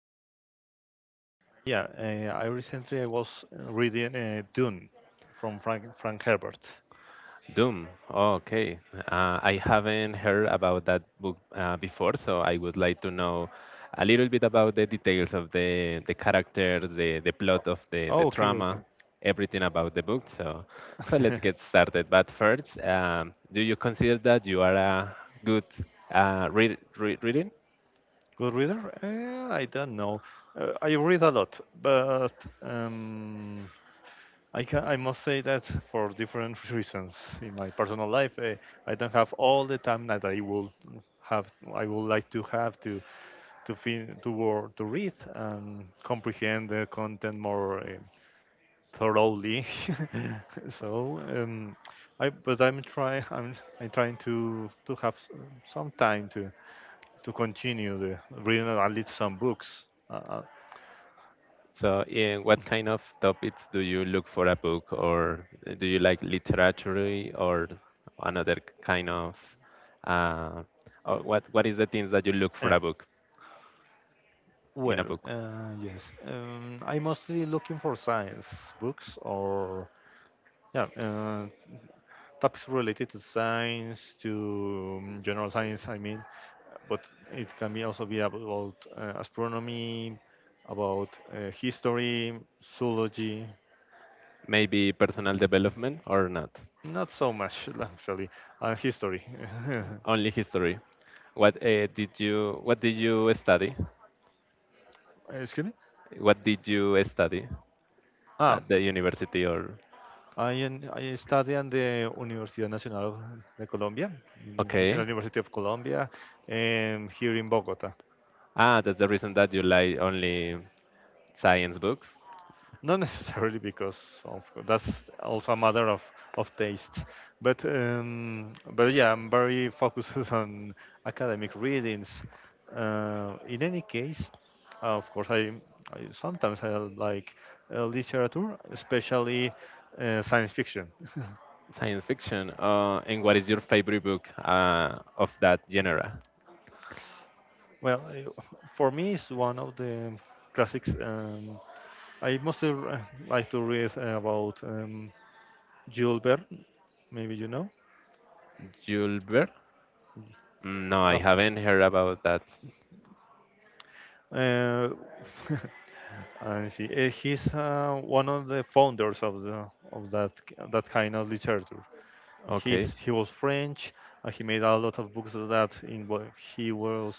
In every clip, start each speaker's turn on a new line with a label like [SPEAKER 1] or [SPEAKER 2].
[SPEAKER 1] I appreciate to be here. And yeah, I recently was reading Dune from Frank Herbert.
[SPEAKER 2] Doom. Oh, okay. I haven't heard about that book before, so I would like to know a little bit about the details of the character, the plot of the
[SPEAKER 1] Oh, okay, okay.
[SPEAKER 2] drama, everything about the book. So, let's get started. But first, do you consider that you are a good reading?
[SPEAKER 1] Good reader? I don't know. I read a lot, but um, I must say that for different reasons in my personal life, I don't have all the time that I will have. I would like to have to to read and comprehend the content more thoroughly. So I but I'm trying I'm I'm trying to have some time to continue the reading, at least some books.
[SPEAKER 2] So, in what kind of topics do you look for a book, or do you like literature or another kind of, uh, or what is the things that you look for
[SPEAKER 1] Uh,
[SPEAKER 2] a book in a book?
[SPEAKER 1] yes, I'm mostly looking for science books, or yeah. Topics related to science, to general science, I mean, but it can be also be about astronomy, about history, zoology,
[SPEAKER 2] Maybe personal development or not?
[SPEAKER 1] not so much actually, and history.
[SPEAKER 2] Only history. What did you study?
[SPEAKER 1] Excuse me.
[SPEAKER 2] What did you study
[SPEAKER 1] Ah,
[SPEAKER 2] at the university? Or
[SPEAKER 1] I study in the Universidad Nacional de Colombia, in National
[SPEAKER 2] okay,
[SPEAKER 1] University of Colombia, here in Bogota.
[SPEAKER 2] that's the reason that you like only science books.
[SPEAKER 1] Not necessarily because of that's also a matter of taste, but yeah, I'm very focused on academic readings. In any case, of course, I sometimes I like literature, especially science fiction.
[SPEAKER 2] Science fiction. And what is your favorite book of that genre?
[SPEAKER 1] Well, for me, it's one of the classics. I mostly like to read about Jules Verne. Maybe you know.
[SPEAKER 2] Julbert? Mm, no,
[SPEAKER 1] Uh,
[SPEAKER 2] I haven't heard about that.
[SPEAKER 1] Uh, and See, he's one of the founders of the of that kind of literature.
[SPEAKER 2] Okay,
[SPEAKER 1] He was French, and he made a lot of books that in what he was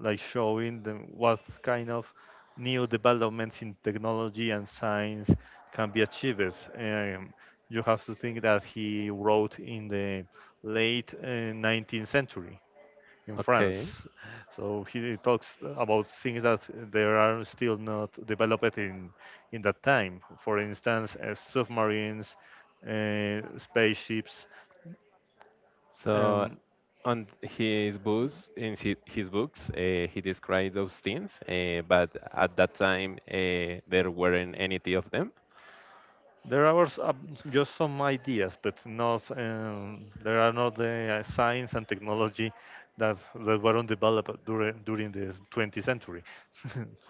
[SPEAKER 1] like showing them what kind of new developments in technology and science can be achieved. You have to think that he wrote in the late, 19th century in France.
[SPEAKER 2] okay.
[SPEAKER 1] So he talks about things that there are still not developed in that time. For instance, submarines, spaceships.
[SPEAKER 2] So,
[SPEAKER 1] Um,
[SPEAKER 2] in his books, he described those things, but at that time there weren't any of them.
[SPEAKER 1] there are just some ideas, but not there are not the science and technology that were developed during the 20th century.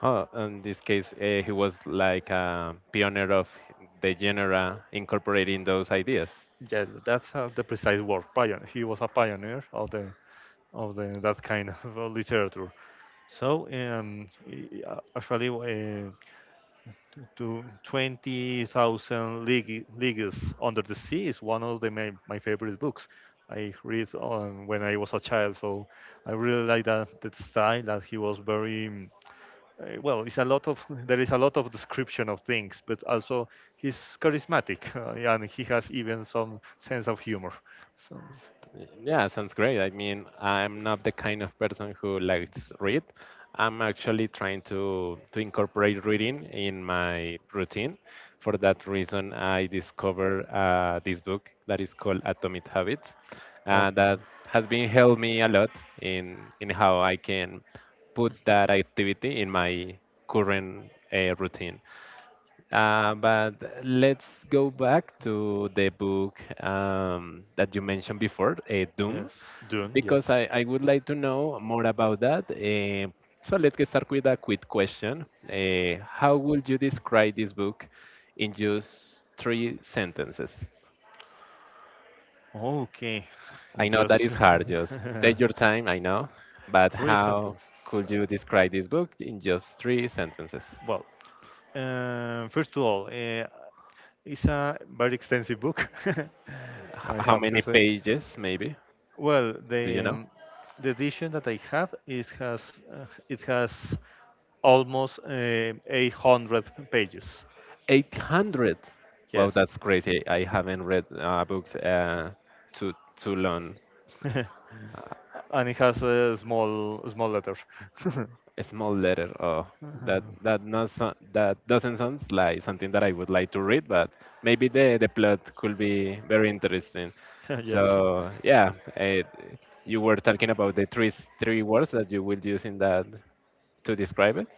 [SPEAKER 2] Oh, in this case, he was like a pioneer of the genre, incorporating those ideas.
[SPEAKER 1] Yes, that's the precise word. Pioneer. He was a pioneer of the that kind of literature. So actually, to 20,000 Leagues Under the Sea is one of the my, my favorite books. I read on when I was a child, so I really like that, that style that he was very well, it's a lot of there is a lot of description of things, but also he's charismatic and he has even some sense of humor. So s-
[SPEAKER 2] Yeah, sounds great. I mean, I'm not the kind of person who likes read. I'm actually trying to incorporate reading in my routine. For that reason, I discovered this book that is called Atomic Habits,
[SPEAKER 1] Okay.
[SPEAKER 2] that has been helped me a lot in in how I can put that activity in my current routine. But let's go back to the book that you mentioned before, Doom,
[SPEAKER 1] Yes, Dune,
[SPEAKER 2] because
[SPEAKER 1] yes.
[SPEAKER 2] I would like to know more about that. So let's get started with a quick question. How would you describe this book in just three sentences?
[SPEAKER 1] Okay,
[SPEAKER 2] I know that
[SPEAKER 1] just
[SPEAKER 2] is hard, just take your time, I know, but
[SPEAKER 1] three
[SPEAKER 2] how
[SPEAKER 1] sentences.
[SPEAKER 2] could you describe this book in just three sentences?
[SPEAKER 1] Well, first of all, it's a very extensive book.
[SPEAKER 2] H-
[SPEAKER 1] I
[SPEAKER 2] how
[SPEAKER 1] have to
[SPEAKER 2] many
[SPEAKER 1] say.
[SPEAKER 2] pages, maybe?
[SPEAKER 1] Well,
[SPEAKER 2] Do you know?
[SPEAKER 1] the edition that I have is has, it has almost, 800 pages.
[SPEAKER 2] 800. Wow,
[SPEAKER 1] Yes.
[SPEAKER 2] that's crazy. I haven't read books too long.
[SPEAKER 1] And it has a small letter.
[SPEAKER 2] A small letter. Oh, that not so, that doesn't sound like something that I would like to read, but maybe the plot could be very interesting.
[SPEAKER 1] Yes.
[SPEAKER 2] So yeah, you were talking about the three words that you will use in that to describe it.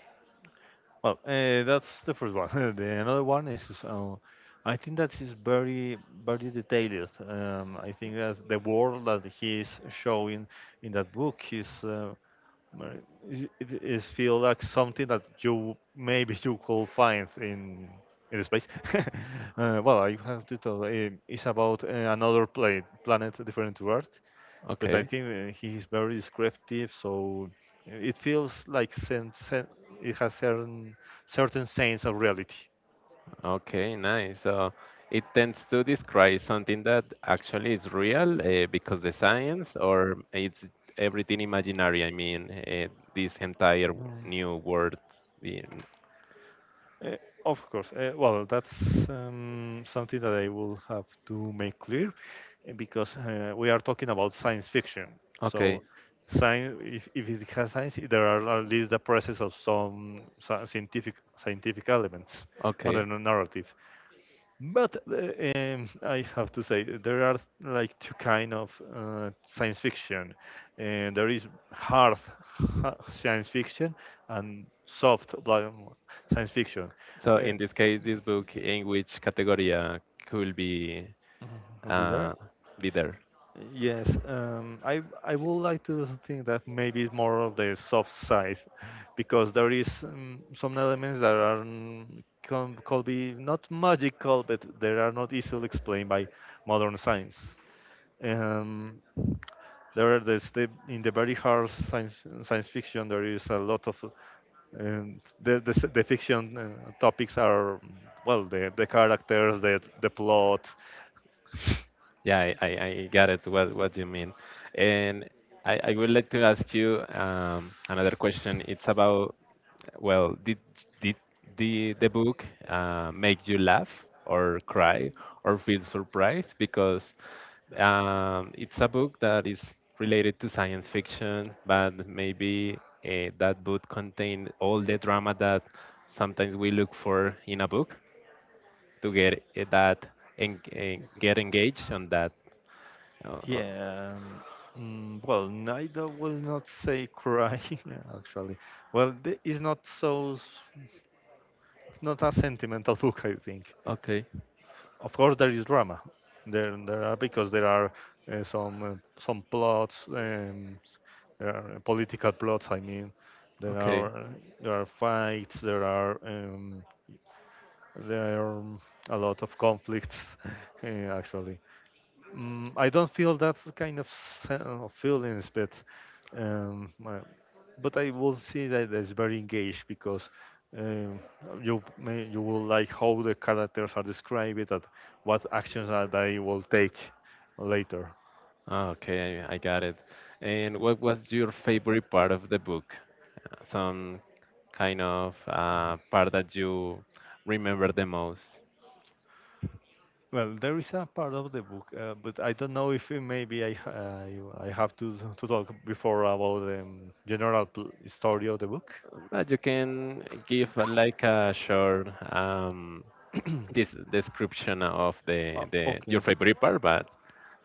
[SPEAKER 1] Well, that's the first one. The another one is, I think that is very detailed. I think that the world that he is showing in that book uh, it is feel like something that you maybe you could find in space. Well, I have to tell. It's about another planet, planet different to Earth, but I
[SPEAKER 2] Okay.
[SPEAKER 1] think he is very descriptive, so it feels like it has certain sense of reality.
[SPEAKER 2] Okay, nice. So it tends to describe something that actually is real because the science, or it's everything imaginary. I mean, this entire
[SPEAKER 1] Mm.
[SPEAKER 2] new world. the-
[SPEAKER 1] Uh, Of course. Well, that's something that I will have to make clear because we are talking about science fiction.
[SPEAKER 2] Okay,
[SPEAKER 1] So, science, if it has science, there are at least the presence of some scientific scientific elements on
[SPEAKER 2] okay.
[SPEAKER 1] the narrative. But I have to say there are like two kind of science fiction, and there is hard science fiction and soft like, science fiction.
[SPEAKER 2] So
[SPEAKER 1] Uh,
[SPEAKER 2] in this case, this book, in which category could be
[SPEAKER 1] will
[SPEAKER 2] uh,
[SPEAKER 1] there?
[SPEAKER 2] there?
[SPEAKER 1] Yes, I would like to think that maybe it's more of the soft side, because there is some elements that are could be not magical, but they are not easily explained by modern science. Um, there are in the very hard science fiction there is a lot of the fiction, topics are well the characters the plot.
[SPEAKER 2] Yeah, I got it what you mean. And I would like to ask you another question. It's about, well, did the book make you laugh or cry or feel surprised? Because it's a book that is related to science fiction, but maybe that book contained all the drama that sometimes we look for in a book to get that and get engaged on that uh, uh,
[SPEAKER 1] Yeah. Well, neither will not say crying, actually. Well, it's not so, not a sentimental book, I think.
[SPEAKER 2] okay,
[SPEAKER 1] Of course, there is drama. There are because there are some plots. There are political plots. I mean, there are
[SPEAKER 2] okay.
[SPEAKER 1] uh, there are fights. There are a lot of conflicts, uh, actually. I don't feel that kind of of feelings, um, uh, but I will see that it's very engaged because um, you will like how the characters are described and what actions that they will take later.
[SPEAKER 2] Okay, I got it. And what was your favorite part of the book? Some kind of part that you remember the most?
[SPEAKER 1] Well, there is a part of the book, but I don't know if maybe I have to talk before about the general story of the book.
[SPEAKER 2] But you can give like a short this description of
[SPEAKER 1] Oh,
[SPEAKER 2] the your
[SPEAKER 1] okay.
[SPEAKER 2] favorite part, but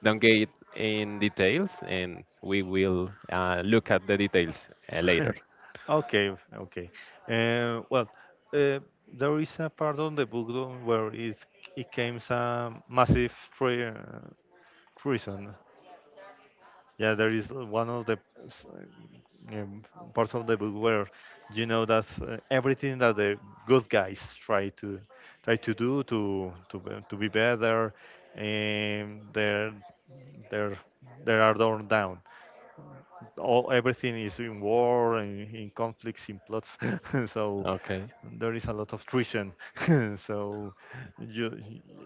[SPEAKER 2] don't get in details, and we will look at the details later.
[SPEAKER 1] Okay. Uh, well, uh, there is a part on the book though where it came some massive criticism. Yeah, there is one of the s- um, parts of the book where you know that everything that the good guys try to try to do to to be better, and they're are torn down. All everything is in war, in conflicts, in plots. So
[SPEAKER 2] Okay.
[SPEAKER 1] there is a lot of treason. So you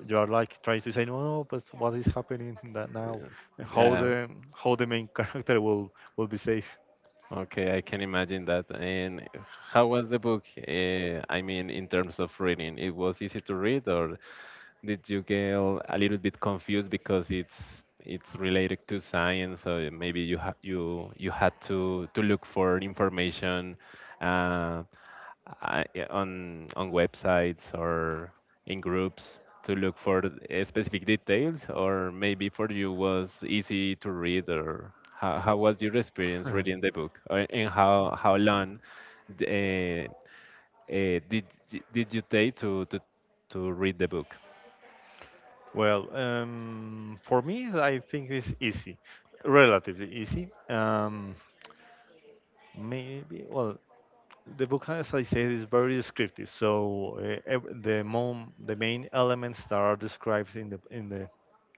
[SPEAKER 1] you are like trying to say no, no, but what is happening that now? how
[SPEAKER 2] Yeah.
[SPEAKER 1] the How the main character will be safe.
[SPEAKER 2] Okay, I can imagine that. And how was the book? I mean, in terms of reading, it was easy to read, or did you get a little bit confused because it's related to science, so maybe you ha you you had to look for information uh, yeah, on websites or in groups to look for specific details, or maybe for you was easy to read, or how was your experience reading the book, and how long uh, uh, did did you take to read the book?
[SPEAKER 1] Well, for me, I think it's easy, relatively easy. Maybe well, The book, as I said, is very descriptive. So the main elements that are described in the in the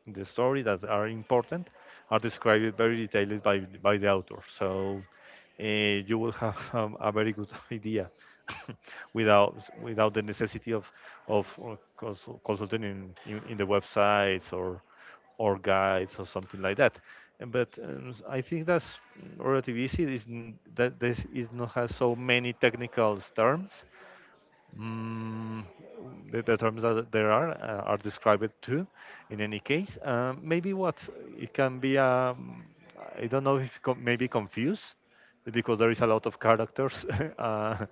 [SPEAKER 1] in the story that are important are described very detailed by the author. So you will have a very good idea without the necessity of consulting in the websites or guides or something like that. But I think that's relatively easy. Is that this is not has so many technical terms. Mm, the terms that there are described too. In any case, maybe what it can be, I don't know if maybe confused because there is a lot of characters. uh,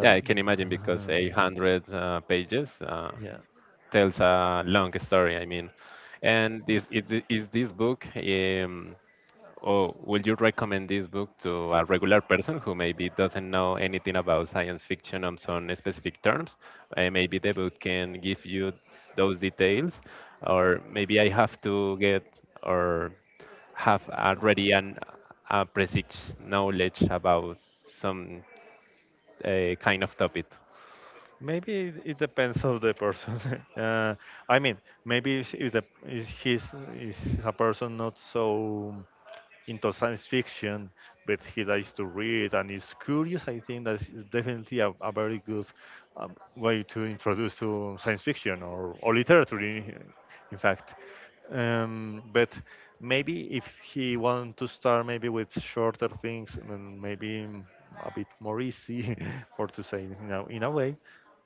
[SPEAKER 2] Yeah, I can imagine because 800 pages
[SPEAKER 1] yeah.
[SPEAKER 2] tells a long story. I mean, and this is, thi- is this book, or would you recommend this book to a regular person who maybe doesn't know anything about science fiction on some specific terms? Maybe the book can give you those details, or maybe I have to get or have already an a precise knowledge about some kind of topic.
[SPEAKER 1] Maybe it, it depends of the person. uh, I mean, maybe if the if he's is a person not so into science fiction, but he likes to read and is curious, I think that is definitely a very good way to introduce to science fiction, or literature in fact. But maybe if he want to start maybe with shorter things and maybe a bit more easy for to say you know in a way,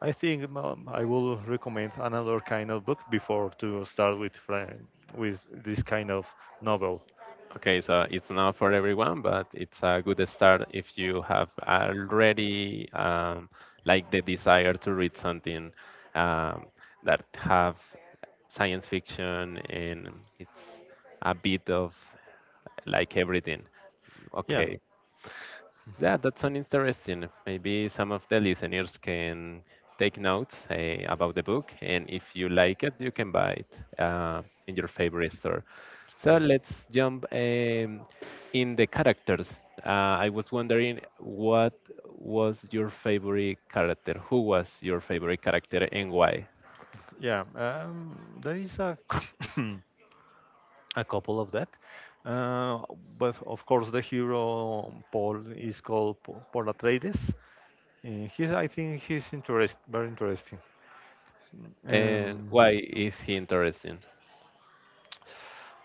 [SPEAKER 1] I think I will recommend another kind of book before to start with with this kind of novel.
[SPEAKER 2] Okay, so it's not for everyone, but it's a good start if you have already like the desire to read something um, that have science fiction and it's a bit of like everything.
[SPEAKER 1] Yeah,
[SPEAKER 2] Okay, yeah, that's so interesting. Maybe some of the listeners can take notes about the book, and if you like it, you can buy it in your favorite store. So
[SPEAKER 1] yeah,
[SPEAKER 2] let's jump in the characters. I was wondering what was your favorite character? Who was your favorite character, and why?
[SPEAKER 1] yeah. There is a a couple of that. Uh, but of course, the hero Paul is called Paul Atreides. I think he's very interesting.
[SPEAKER 2] And
[SPEAKER 1] Um,
[SPEAKER 2] why is he interesting?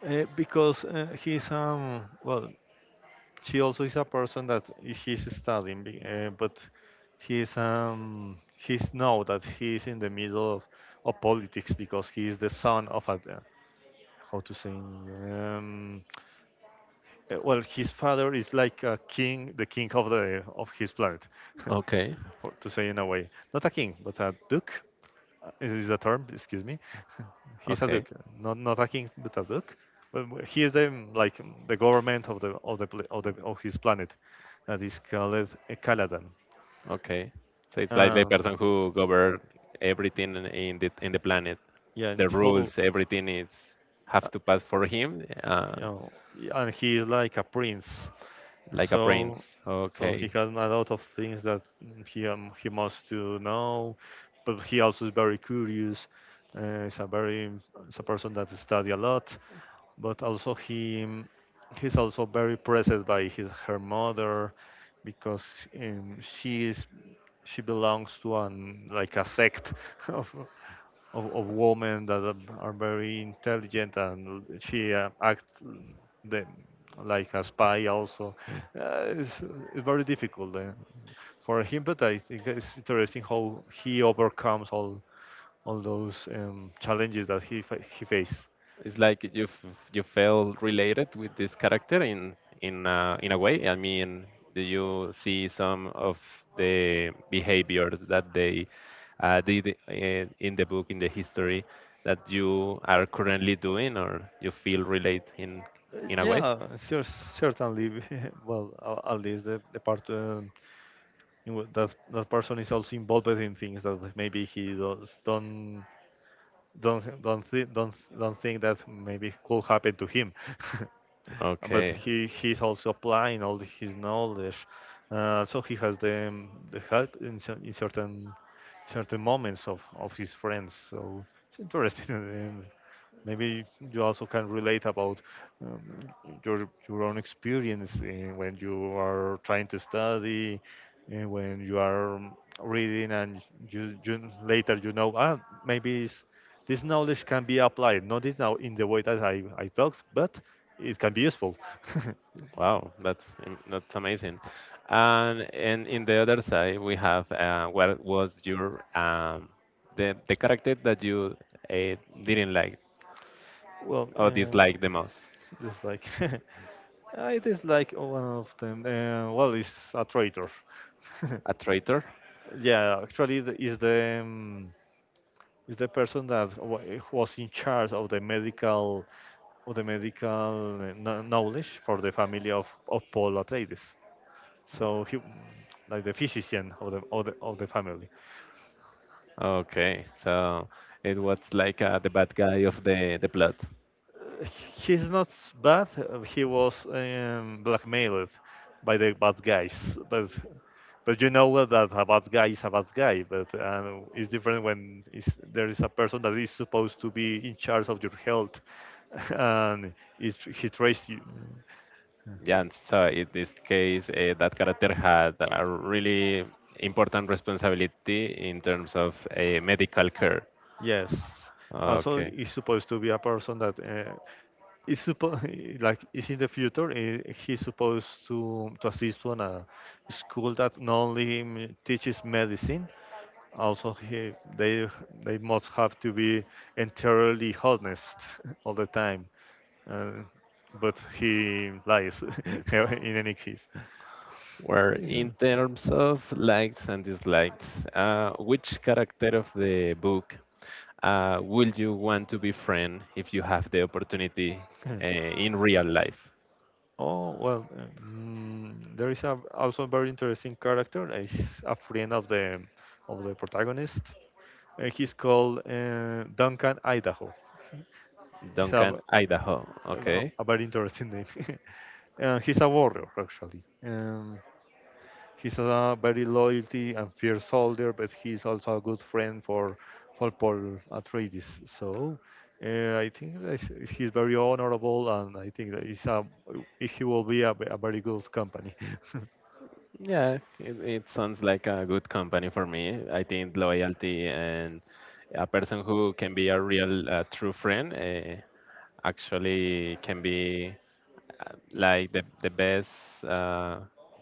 [SPEAKER 1] because well, she also is a person that he's studying, but he's know that he's in the middle of politics because he is the son of a, how to say, well, his father is like a king, the king of the of his planet,
[SPEAKER 2] Okay,
[SPEAKER 1] to say in a way, not a king, but a duke, is a term, excuse me. He's a
[SPEAKER 2] okay.
[SPEAKER 1] duke, not not a king, but a duke. But he is the like the government of the of the of the of his planet, that is called Caladan.
[SPEAKER 2] Okay. So it's like the
[SPEAKER 1] Uh,
[SPEAKER 2] person who govern everything in the planet.
[SPEAKER 1] yeah, and
[SPEAKER 2] The
[SPEAKER 1] so
[SPEAKER 2] rules, everything is
[SPEAKER 1] uh,
[SPEAKER 2] have to pass for him,
[SPEAKER 1] you know, and he is like a prince.
[SPEAKER 2] like a prince.
[SPEAKER 1] So so he
[SPEAKER 2] Okay.
[SPEAKER 1] has a lot of things that he must to know, but he also is very curious. Uh, he's a very he's a person that study a lot. But also he's also very pressed by his her mother because um, she is she belongs to an like a sect of of women that are very intelligent, and she acts the, like a spy also, it's very difficult, for him. But I think it's interesting how he overcomes all those challenges that he faced.
[SPEAKER 2] It's like you feel related with this character in a way. I mean, do you see some of the behaviors that they did in the book in the history that you are currently doing, or you feel relate in a way?
[SPEAKER 1] Yeah, sure, certainly. Well, at least the part, that that person is also involved in things that maybe he does don't thi- don't think that maybe could happen to him. But
[SPEAKER 2] Okay,
[SPEAKER 1] he's also applying all his knowledge. So he has the help in, in certain moments of his friends. So it's interesting. And maybe you also can relate about um, your own experience, when you are trying to study, and when you are reading, and you later ah, maybe it's this knowledge can be applied, not is now in the way that I talked, but it can be useful.
[SPEAKER 2] wow, that's amazing. And in the other side, we have what was your the character that you uh, didn't like.
[SPEAKER 1] Well,
[SPEAKER 2] Oh, dislike the most?
[SPEAKER 1] just like it is like one of them. Well, it's a traitor.
[SPEAKER 2] A traitor?
[SPEAKER 1] Yeah, actually, is the person that was in charge of the medical of the medical, knowledge for the family of Paul Atreides. So he, like the physician of the of the family.
[SPEAKER 2] Okay, so it was like the bad guy of the plot.
[SPEAKER 1] He's not bad. He was blackmailed by the bad guys, but you know well that a bad guy is a bad guy. But, it's different when is there is a person that is supposed to be in charge of your health, and is he traced you.
[SPEAKER 2] Yeah, and so in this case, that character had a really important responsibility in terms of medical care.
[SPEAKER 1] Yes. Also,
[SPEAKER 2] Okay.
[SPEAKER 1] it's supposed to be a person that, is supposed like is in the future. He's supposed to assist on a school that not only teaches medicine. Also, they must have to be entirely honest all the time. Uh, but he lies in any case.
[SPEAKER 2] Where in terms of likes and dislikes, which character of the book would you want to befriend if you have the opportunity
[SPEAKER 1] Yeah.
[SPEAKER 2] in real life?
[SPEAKER 1] Oh, well, there is also a very interesting character. He's a friend of the protagonist. He's called, Duncan Idaho. He- He's
[SPEAKER 2] Duncan, Idaho. Okay.
[SPEAKER 1] a very interesting name. He's a warrior, actually. He's a very loyalty and fierce soldier, but he's also a good friend for Paul Atreides. So, I think that he's very honorable, and I think that he will be a very good company.
[SPEAKER 2] Yeah, it sounds like a good company for me. I think loyalty and a person who can be a true friend actually can be like the best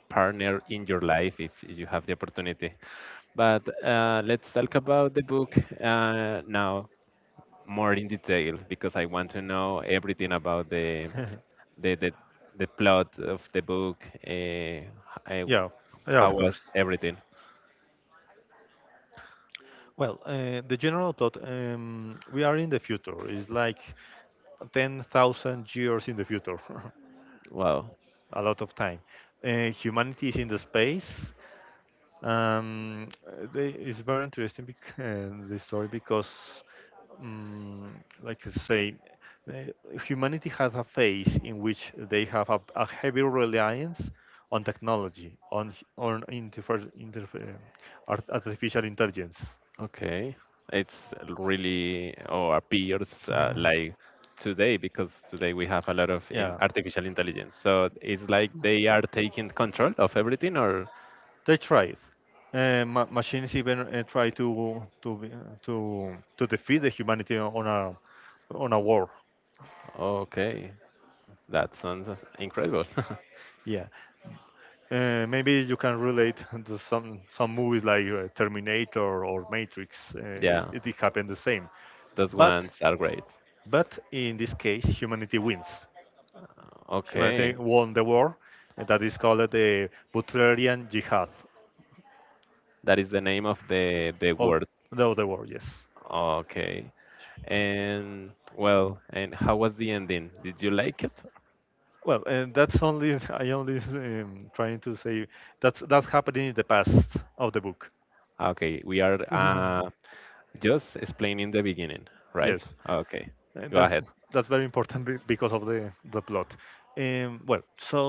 [SPEAKER 2] partner in your life if you have the opportunity. But let's talk about the book now more in detail because I want to know everything about the the, the plot of the book. Yeah,
[SPEAKER 1] Yeah, yeah,
[SPEAKER 2] how
[SPEAKER 1] of course.
[SPEAKER 2] was everything?
[SPEAKER 1] Well, the general plot, we are in the future. It's like 10,000 years in the future.
[SPEAKER 2] Wow.
[SPEAKER 1] A lot of time. Humanity is in the space. It's very interesting bec the story, because, um, like I say, humanity has a phase in which they have a heavy reliance on technology, on on artificial intelligence.
[SPEAKER 2] Okay. It's really or appears like today because today we have a lot of in
[SPEAKER 1] Yeah,
[SPEAKER 2] artificial intelligence. So it's like they are taking control of everything. Or
[SPEAKER 1] they tried. Ma machines even, try to be- to defeat the humanity on a war.
[SPEAKER 2] okay, that sounds incredible.
[SPEAKER 1] Yeah. Maybe you can relate to some movies like, Terminator or Matrix.
[SPEAKER 2] Yeah,
[SPEAKER 1] It happened the same,
[SPEAKER 2] those
[SPEAKER 1] but
[SPEAKER 2] ones are great.
[SPEAKER 1] but in this case, humanity wins. Humanity
[SPEAKER 2] Okay,
[SPEAKER 1] won the war, and that is called the Butlerian Jihad
[SPEAKER 2] that is the name of the
[SPEAKER 1] of
[SPEAKER 2] word.
[SPEAKER 1] the other war. Yes.
[SPEAKER 2] Okay. And well, and how was the ending? Did you like it?
[SPEAKER 1] Well, and that's only, I only, trying to say that's happening in the past of the book.
[SPEAKER 2] Okay, we are just explaining the beginning, right?
[SPEAKER 1] Yes.
[SPEAKER 2] Okay,
[SPEAKER 1] Uh,
[SPEAKER 2] go
[SPEAKER 1] That's
[SPEAKER 2] ahead.
[SPEAKER 1] that's very important because of the plot. Well, so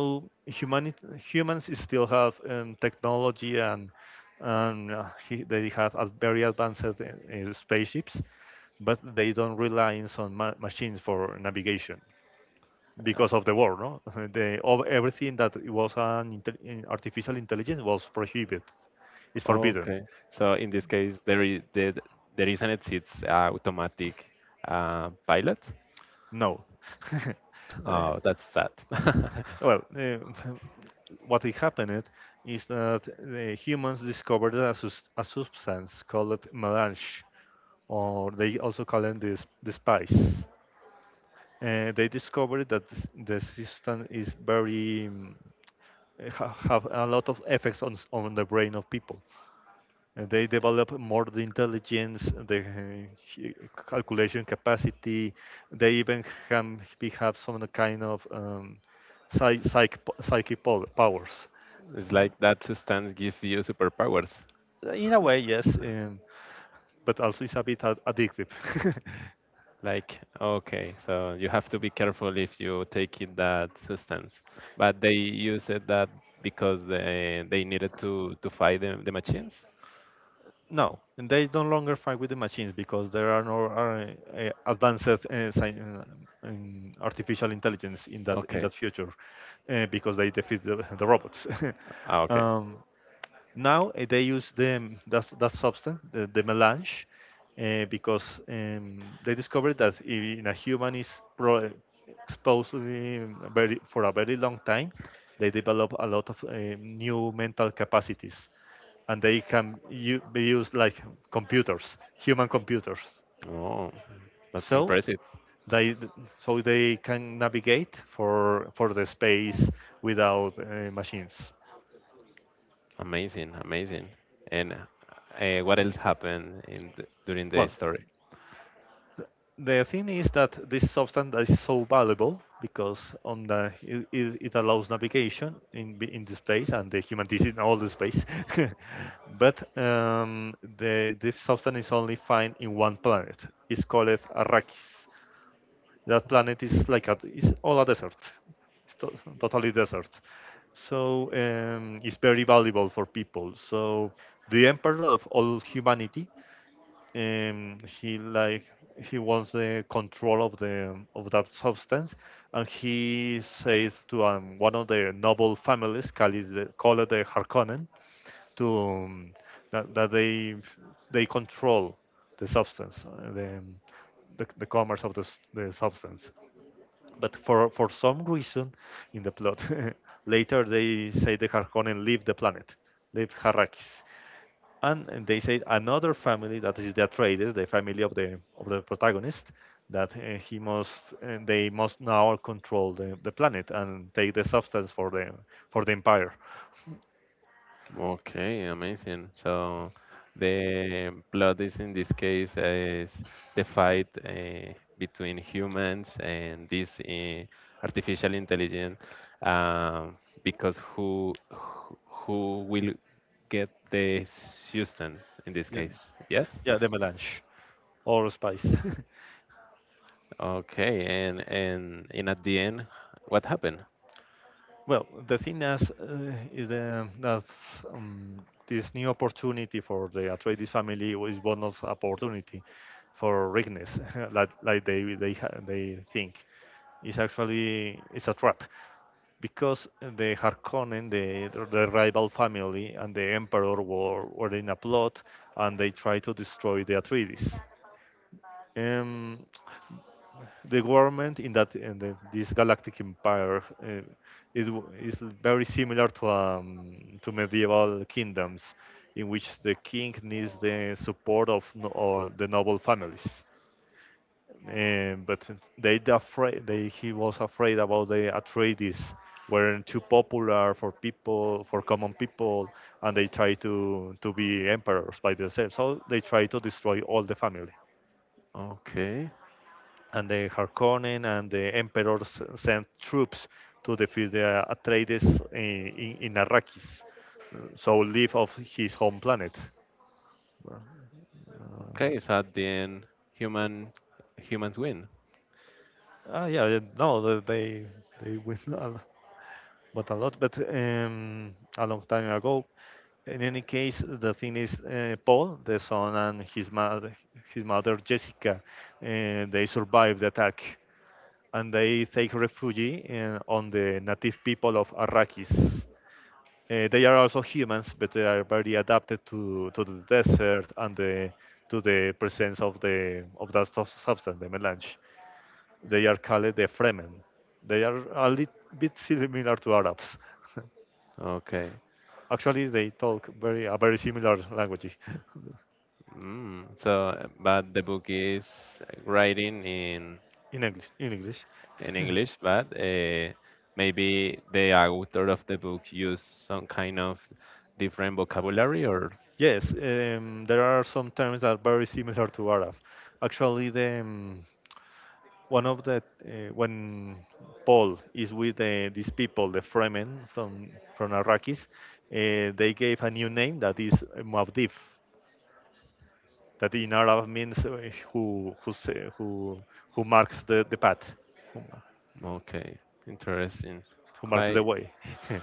[SPEAKER 1] humans is still have, technology and, they have very advanced, spaceships, but they don't rely on machines for navigation
[SPEAKER 2] Uh,
[SPEAKER 1] because of the war. No. the of Everything that was an artificial intelligence was prohibited, is forbidden.
[SPEAKER 2] Okay. So in this case, there is an it's automatic pilot.
[SPEAKER 1] No.
[SPEAKER 2] Oh,
[SPEAKER 1] Uh,
[SPEAKER 2] that's sad.
[SPEAKER 1] well, what it happened is that the humans discovered a substance called melange, or they also call it the spice. They discovered that the system is very, have a lot of effects on on the brain of people. And they develop more the intelligence, the, calculation capacity. They even have some kind of, psychic powers.
[SPEAKER 2] It's like that substance gives you superpowers.
[SPEAKER 1] In a way, yes, but also it's a bit addictive.
[SPEAKER 2] Like, okay, so you have to be careful if you take in that substance. But they use it that because they needed to fight the machines.
[SPEAKER 1] No, and they don't longer fight with the machines because there are no, advances, in artificial intelligence in that
[SPEAKER 2] Okay.
[SPEAKER 1] future, because they defeat the, the robots.
[SPEAKER 2] Ah, okay.
[SPEAKER 1] um, now, they use them that that substance, the melange, because, they discovered that if in a human is exposed to for a very long time, they develop a lot of, new mental capacities, and they be used like computers, human computers.
[SPEAKER 2] Oh, that's
[SPEAKER 1] So
[SPEAKER 2] impressive.
[SPEAKER 1] they they can navigate for the space without, machines.
[SPEAKER 2] Amazing, amazing. And what else happened during the
[SPEAKER 1] Well,
[SPEAKER 2] story?
[SPEAKER 1] the thing is that this substance is so valuable because on the it allows navigation in in the space, and the human is in all the space, but, the this substance is only found in one planet. It's called Arrakis. That planet is is all a desert. It's totally desert. So, it's very valuable for people. So the emperor of all humanity, um, he like he wants the control of the of that substance, and he says to, one of the noble families, called called the Harkonnen, to, that they control the substance, the commerce of the substance. But for some reason in the plot, later they say the Harkonnen leave the planet, leave Harrakis. And they say another family that is the Atreides, the family of the protagonist, that, he must and they must now control the planet and take the substance for the empire.
[SPEAKER 2] Okay, amazing. So the plot is in this case is the fight between humans and this artificial intelligence, um, because who will get the Houston in this
[SPEAKER 1] Yes.
[SPEAKER 2] case? Yes.
[SPEAKER 1] Yeah, the melange or spice.
[SPEAKER 2] Okay, and at the end, what happened?
[SPEAKER 1] Well, the thing is the, that this new opportunity for the Atreides family is bonus opportunity for Rignes, like they think. It's a trap because the Harkonnen, the rival family, and the Emperor were in a plot, and they try to destroy the Atreides. Um, the government in this galactic empire, is is very similar to, to medieval kingdoms, in which the king needs the support of no, all the noble families. But they the afraid they he was afraid about the Atreides weren't too popular for people for common people, and they try to be emperors by themselves. So they try to destroy all the family,
[SPEAKER 2] Okay,
[SPEAKER 1] and the Harkonnen and the emperors sent troops to defeat the Atreides in Arrakis, so leave of his home planet. Uh,
[SPEAKER 2] okay. So at the end, human humans win.
[SPEAKER 1] Ah, yeah, yeah, no, they win a lot, but a lot, but, a long time ago. In any case, the thing is, Paul, the son, and his mother Jessica, they survived the attack, and they take refuge on the native people of Arrakis. They are also humans, but they are very adapted to the desert and to the presence of the of that substance, the melange. They are called the Fremen. They are a little bit similar to Arabs.
[SPEAKER 2] Okay.
[SPEAKER 1] Actually, they talk very a very similar language
[SPEAKER 2] But the book is writing in
[SPEAKER 1] in English.
[SPEAKER 2] in English, but maybe the author of the book used some kind of different vocabulary, or
[SPEAKER 1] Yes, there are some terms that are very similar to Arab. Actually, the one of the when Paul is with, these people, the Fremen from Arrakis, they gave a new name that is Muad'Dib, that in Arab means, who sa- who marks the path, who,
[SPEAKER 2] okay, interesting,
[SPEAKER 1] who marks
[SPEAKER 2] quite.
[SPEAKER 1] the way.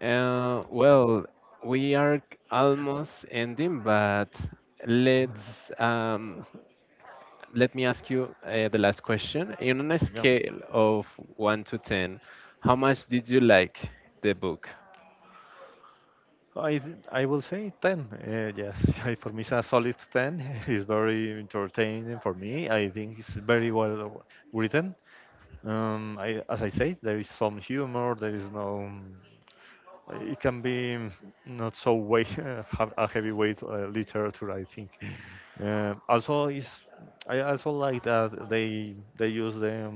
[SPEAKER 2] Well, we are almost ending, but let's um, let me ask you the last question. In On a
[SPEAKER 1] Yeah.
[SPEAKER 2] scale of one to ten, how much did you like the book?
[SPEAKER 1] I I will say 10. Yes, for me it's a solid 10. It's very entertaining for me. I think it's very well written. As I say, there is some humor. There is no. It can be, not so weight, a heavyweight, literature, I think. Also, is I also like that they use them.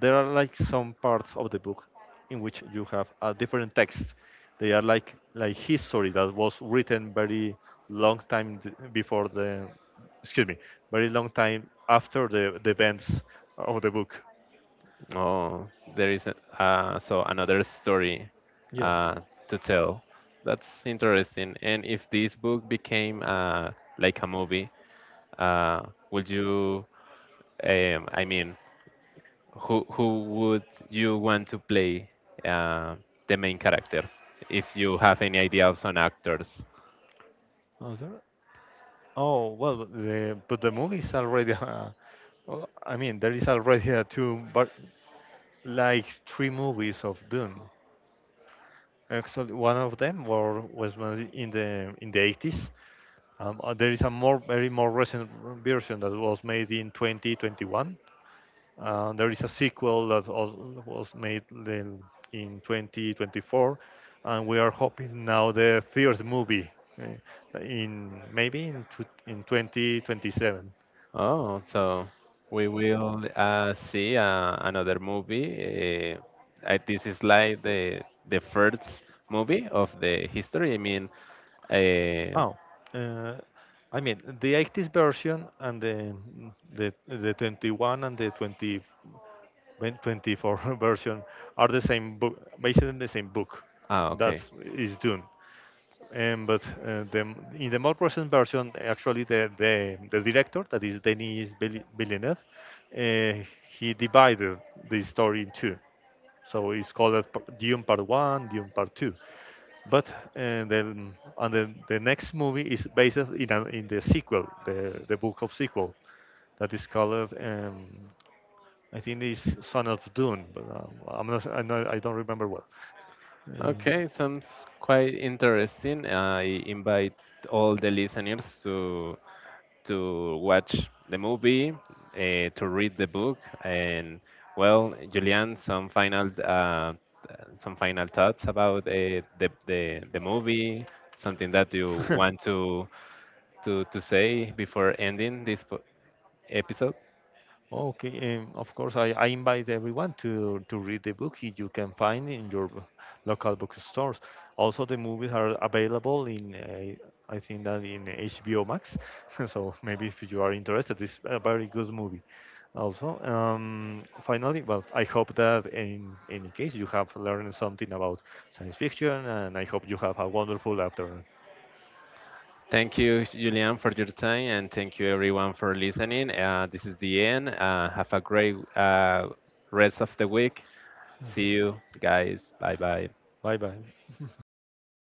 [SPEAKER 1] There are like some parts of the book in which you have a different text. They are like history that was written very long time d- before the excuse me, very long time after the events of the book.
[SPEAKER 2] Oh, there is a, so another story
[SPEAKER 1] Yeah.
[SPEAKER 2] uh, to tell. That's interesting. And if this book became like a movie, uh, would you? I mean, who would you want to play uh, the main character? If you have any idea of some actors.
[SPEAKER 1] Oh, oh, well, but the movie is already. Well, I mean, there is already a two, but like three movies of Dune. Actually, one of them was made in the 80s. There is a more very more recent version that was made in 2021. There is a sequel that was made then in 2024, and we are hoping now the third movie, in maybe tw in 2027.
[SPEAKER 2] Oh, so we will see another movie. This is like the first movie of the history. I mean, uh,
[SPEAKER 1] Oh, uh, I mean the 80s version and the 21 and the 20 when 24 version are the same book, based on the same book. That
[SPEAKER 2] okay,
[SPEAKER 1] is Dune. But, in the more recent version, actually, the director, that is Denis Villeneuve, uh, he divided the story in two. So it's called as Dune Part 1, Dune Part 2. But, and then the next movie is based in the sequel, the book of sequel, that is called, I think it's Son of Dune, but, know, I don't remember well. Um,
[SPEAKER 2] okay, sounds quite interesting. I invite all the listeners to watch the movie, to read the book, and well, Julian, some final thoughts about the movie, something that you want to say before ending episode.
[SPEAKER 1] Okay, of course, I invite everyone to read the book. You can find in your local bookstores. Also, the movies are available I think that in HBO Max. So maybe if you are interested, it's a very good movie. Also, finally, well, I hope that in any case you have learned something about science fiction, and I hope you have a wonderful afternoon.
[SPEAKER 2] Thank you, Julian, for your time, and thank you everyone for listening. This is the end. Have a great rest of the week. See you guys. Bye bye.
[SPEAKER 1] Bye bye.